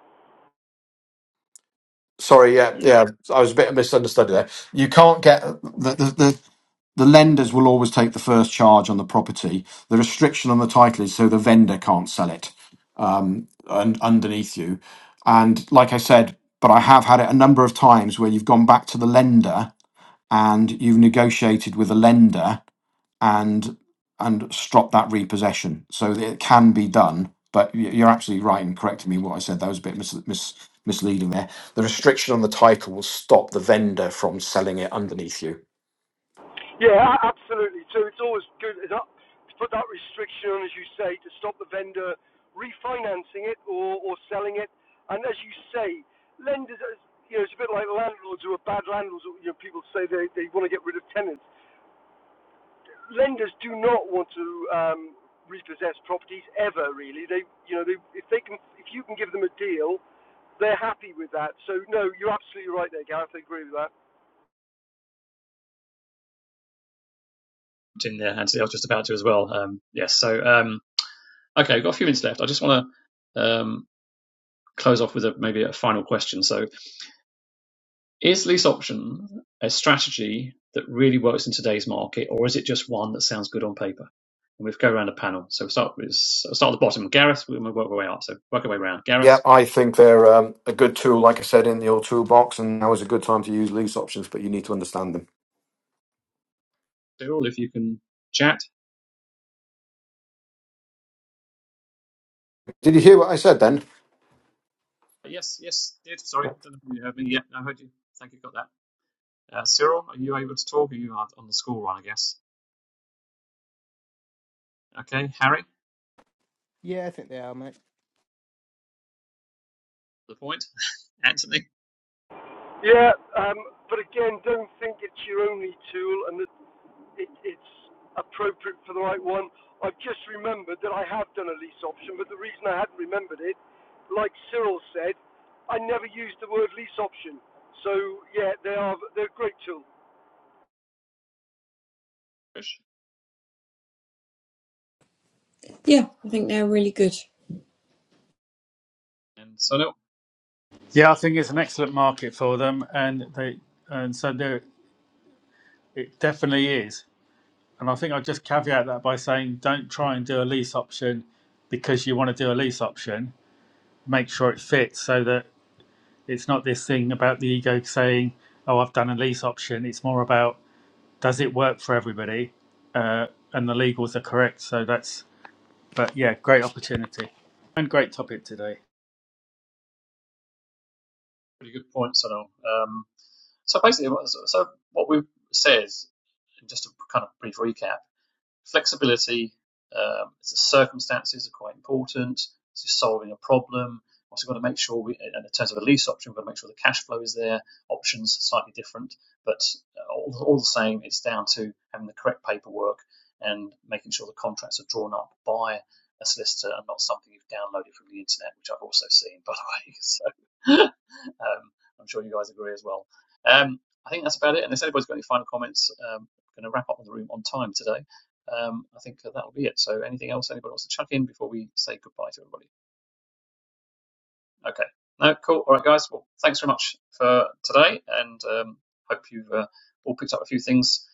G: Sorry, yeah,
A: Yeah, I
G: yeah, I was a bit misunderstood there. You can't get the the, the the lenders will always take the first charge on the property. The restriction on the title is so the vendor can't sell it um, and underneath you. And like I said, but I have had it a number of times where you've gone back to the lender and you've negotiated with a lender and and stop that repossession. So that it can be done, but y- you're absolutely right in correcting me in what I said. That was a bit mis- mis- misleading there. The restriction on the title will stop the vendor from selling it underneath you.
D: Yeah, absolutely. So it's always good to put that restriction on, as you say, to stop the vendor refinancing it or, or selling it. And as you say, lenders, you know, it's a bit like landlords who are bad landlords. You know, people say they, they want to get rid of tenants. lenders do not want to um, repossess properties ever. Really, they you know they, if they can if you can give them a deal, they're happy with that. So no, you're absolutely right there, Gareth. I agree with that.
A: jumped in there, Anthony. I was just about to as well. Um, yes. So, um, okay, we've got a few minutes left. I just want to. Um, close off with a, maybe a final question. So, is lease option a strategy that really works in today's market, or is it just one that sounds good on paper? And we've go around a panel. So we'll start with we'll start at the bottom. Gareth, we're gonna work our way up. So work our way around.
G: Yeah,
A: Gareth,
G: I think they're um, a good tool, like I said, in your toolbox, and now is a good time to use lease options, but you need to understand them.
A: Cyril, if you can chat.
G: Did you hear what I said then?
A: Yes, yes, did. Sorry, I don't know if you heard me. Yeah, I heard you. Thank you, got that. Uh, Cyril, are you able to talk? Are you out on the school run, I guess? Okay, Harry,
E: mate,
A: the point. Anthony,
D: Yeah, um, but again, don't think it's your only tool and that it, it's appropriate for the right one. I've just remembered that I have done a lease option, but the reason I hadn't remembered it, like Cyril said, I never used the word lease option. So yeah, they are they're great tools.
C: Yeah, I think they're really good.
A: and Sonil.
B: Yeah, I think it's an excellent market for them, and they and so they are It definitely is. And I think I'd just caveat that by saying don't try and do a lease option because you want to do a lease option. Make sure it fits so that it's not this thing about the ego saying, oh, I've done a lease option. It's more about does it work for everybody? Uh, and the legals are correct. So that's, but yeah, great opportunity and great topic today.
A: Pretty good point, Sonil. So basically, so so what we say is, just a kind of brief recap, flexibility, um, it's the circumstances are quite important. It's just solving a problem. Also, got to make sure we, in terms of a lease option, we've got to make sure the cash flow is there. Options slightly different, but uh, all, all the same, it's down to having the correct paperwork and making sure the contracts are drawn up by a solicitor and not something you've downloaded from the internet, which I've also seen, by the way. So, um, I'm sure you guys agree as well. Um, I think that's about it. And if anybody's got any final comments, um, I'm going to wrap up the room on time today. Um, I think that'll be it. So, anything else anybody wants to chuck in before we say goodbye to everybody? Okay. No, cool. All right, guys. Well, thanks very much for today, and um, hope you've uh, all picked up a few things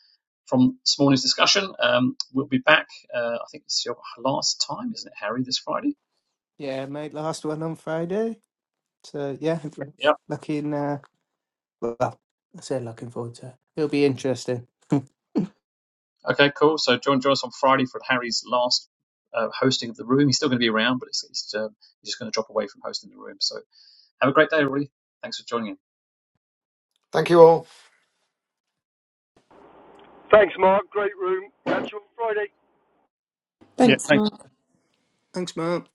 A: from this morning's discussion. Um, we'll be back. Uh, I think it's your last time, isn't it, Harry? This Friday.
E: yeah, mate, last one on Friday. So yeah,
A: Yep.
E: looking. in. Well, I say looking forward to it. It'll be interesting.
A: Okay. Cool. So, join join us on Friday for Harry's last. Uh, hosting of the room. He's still going to be around, but it's, it's, um, he's just going to drop away from hosting the room. So have a great day, everybody. Thanks for joining us.
G: Thank you all.
D: Thanks, Mark. Great room. Catch you on Friday.
B: Yeah, thank
C: Thanks, Mark.
E: Thanks, Mark.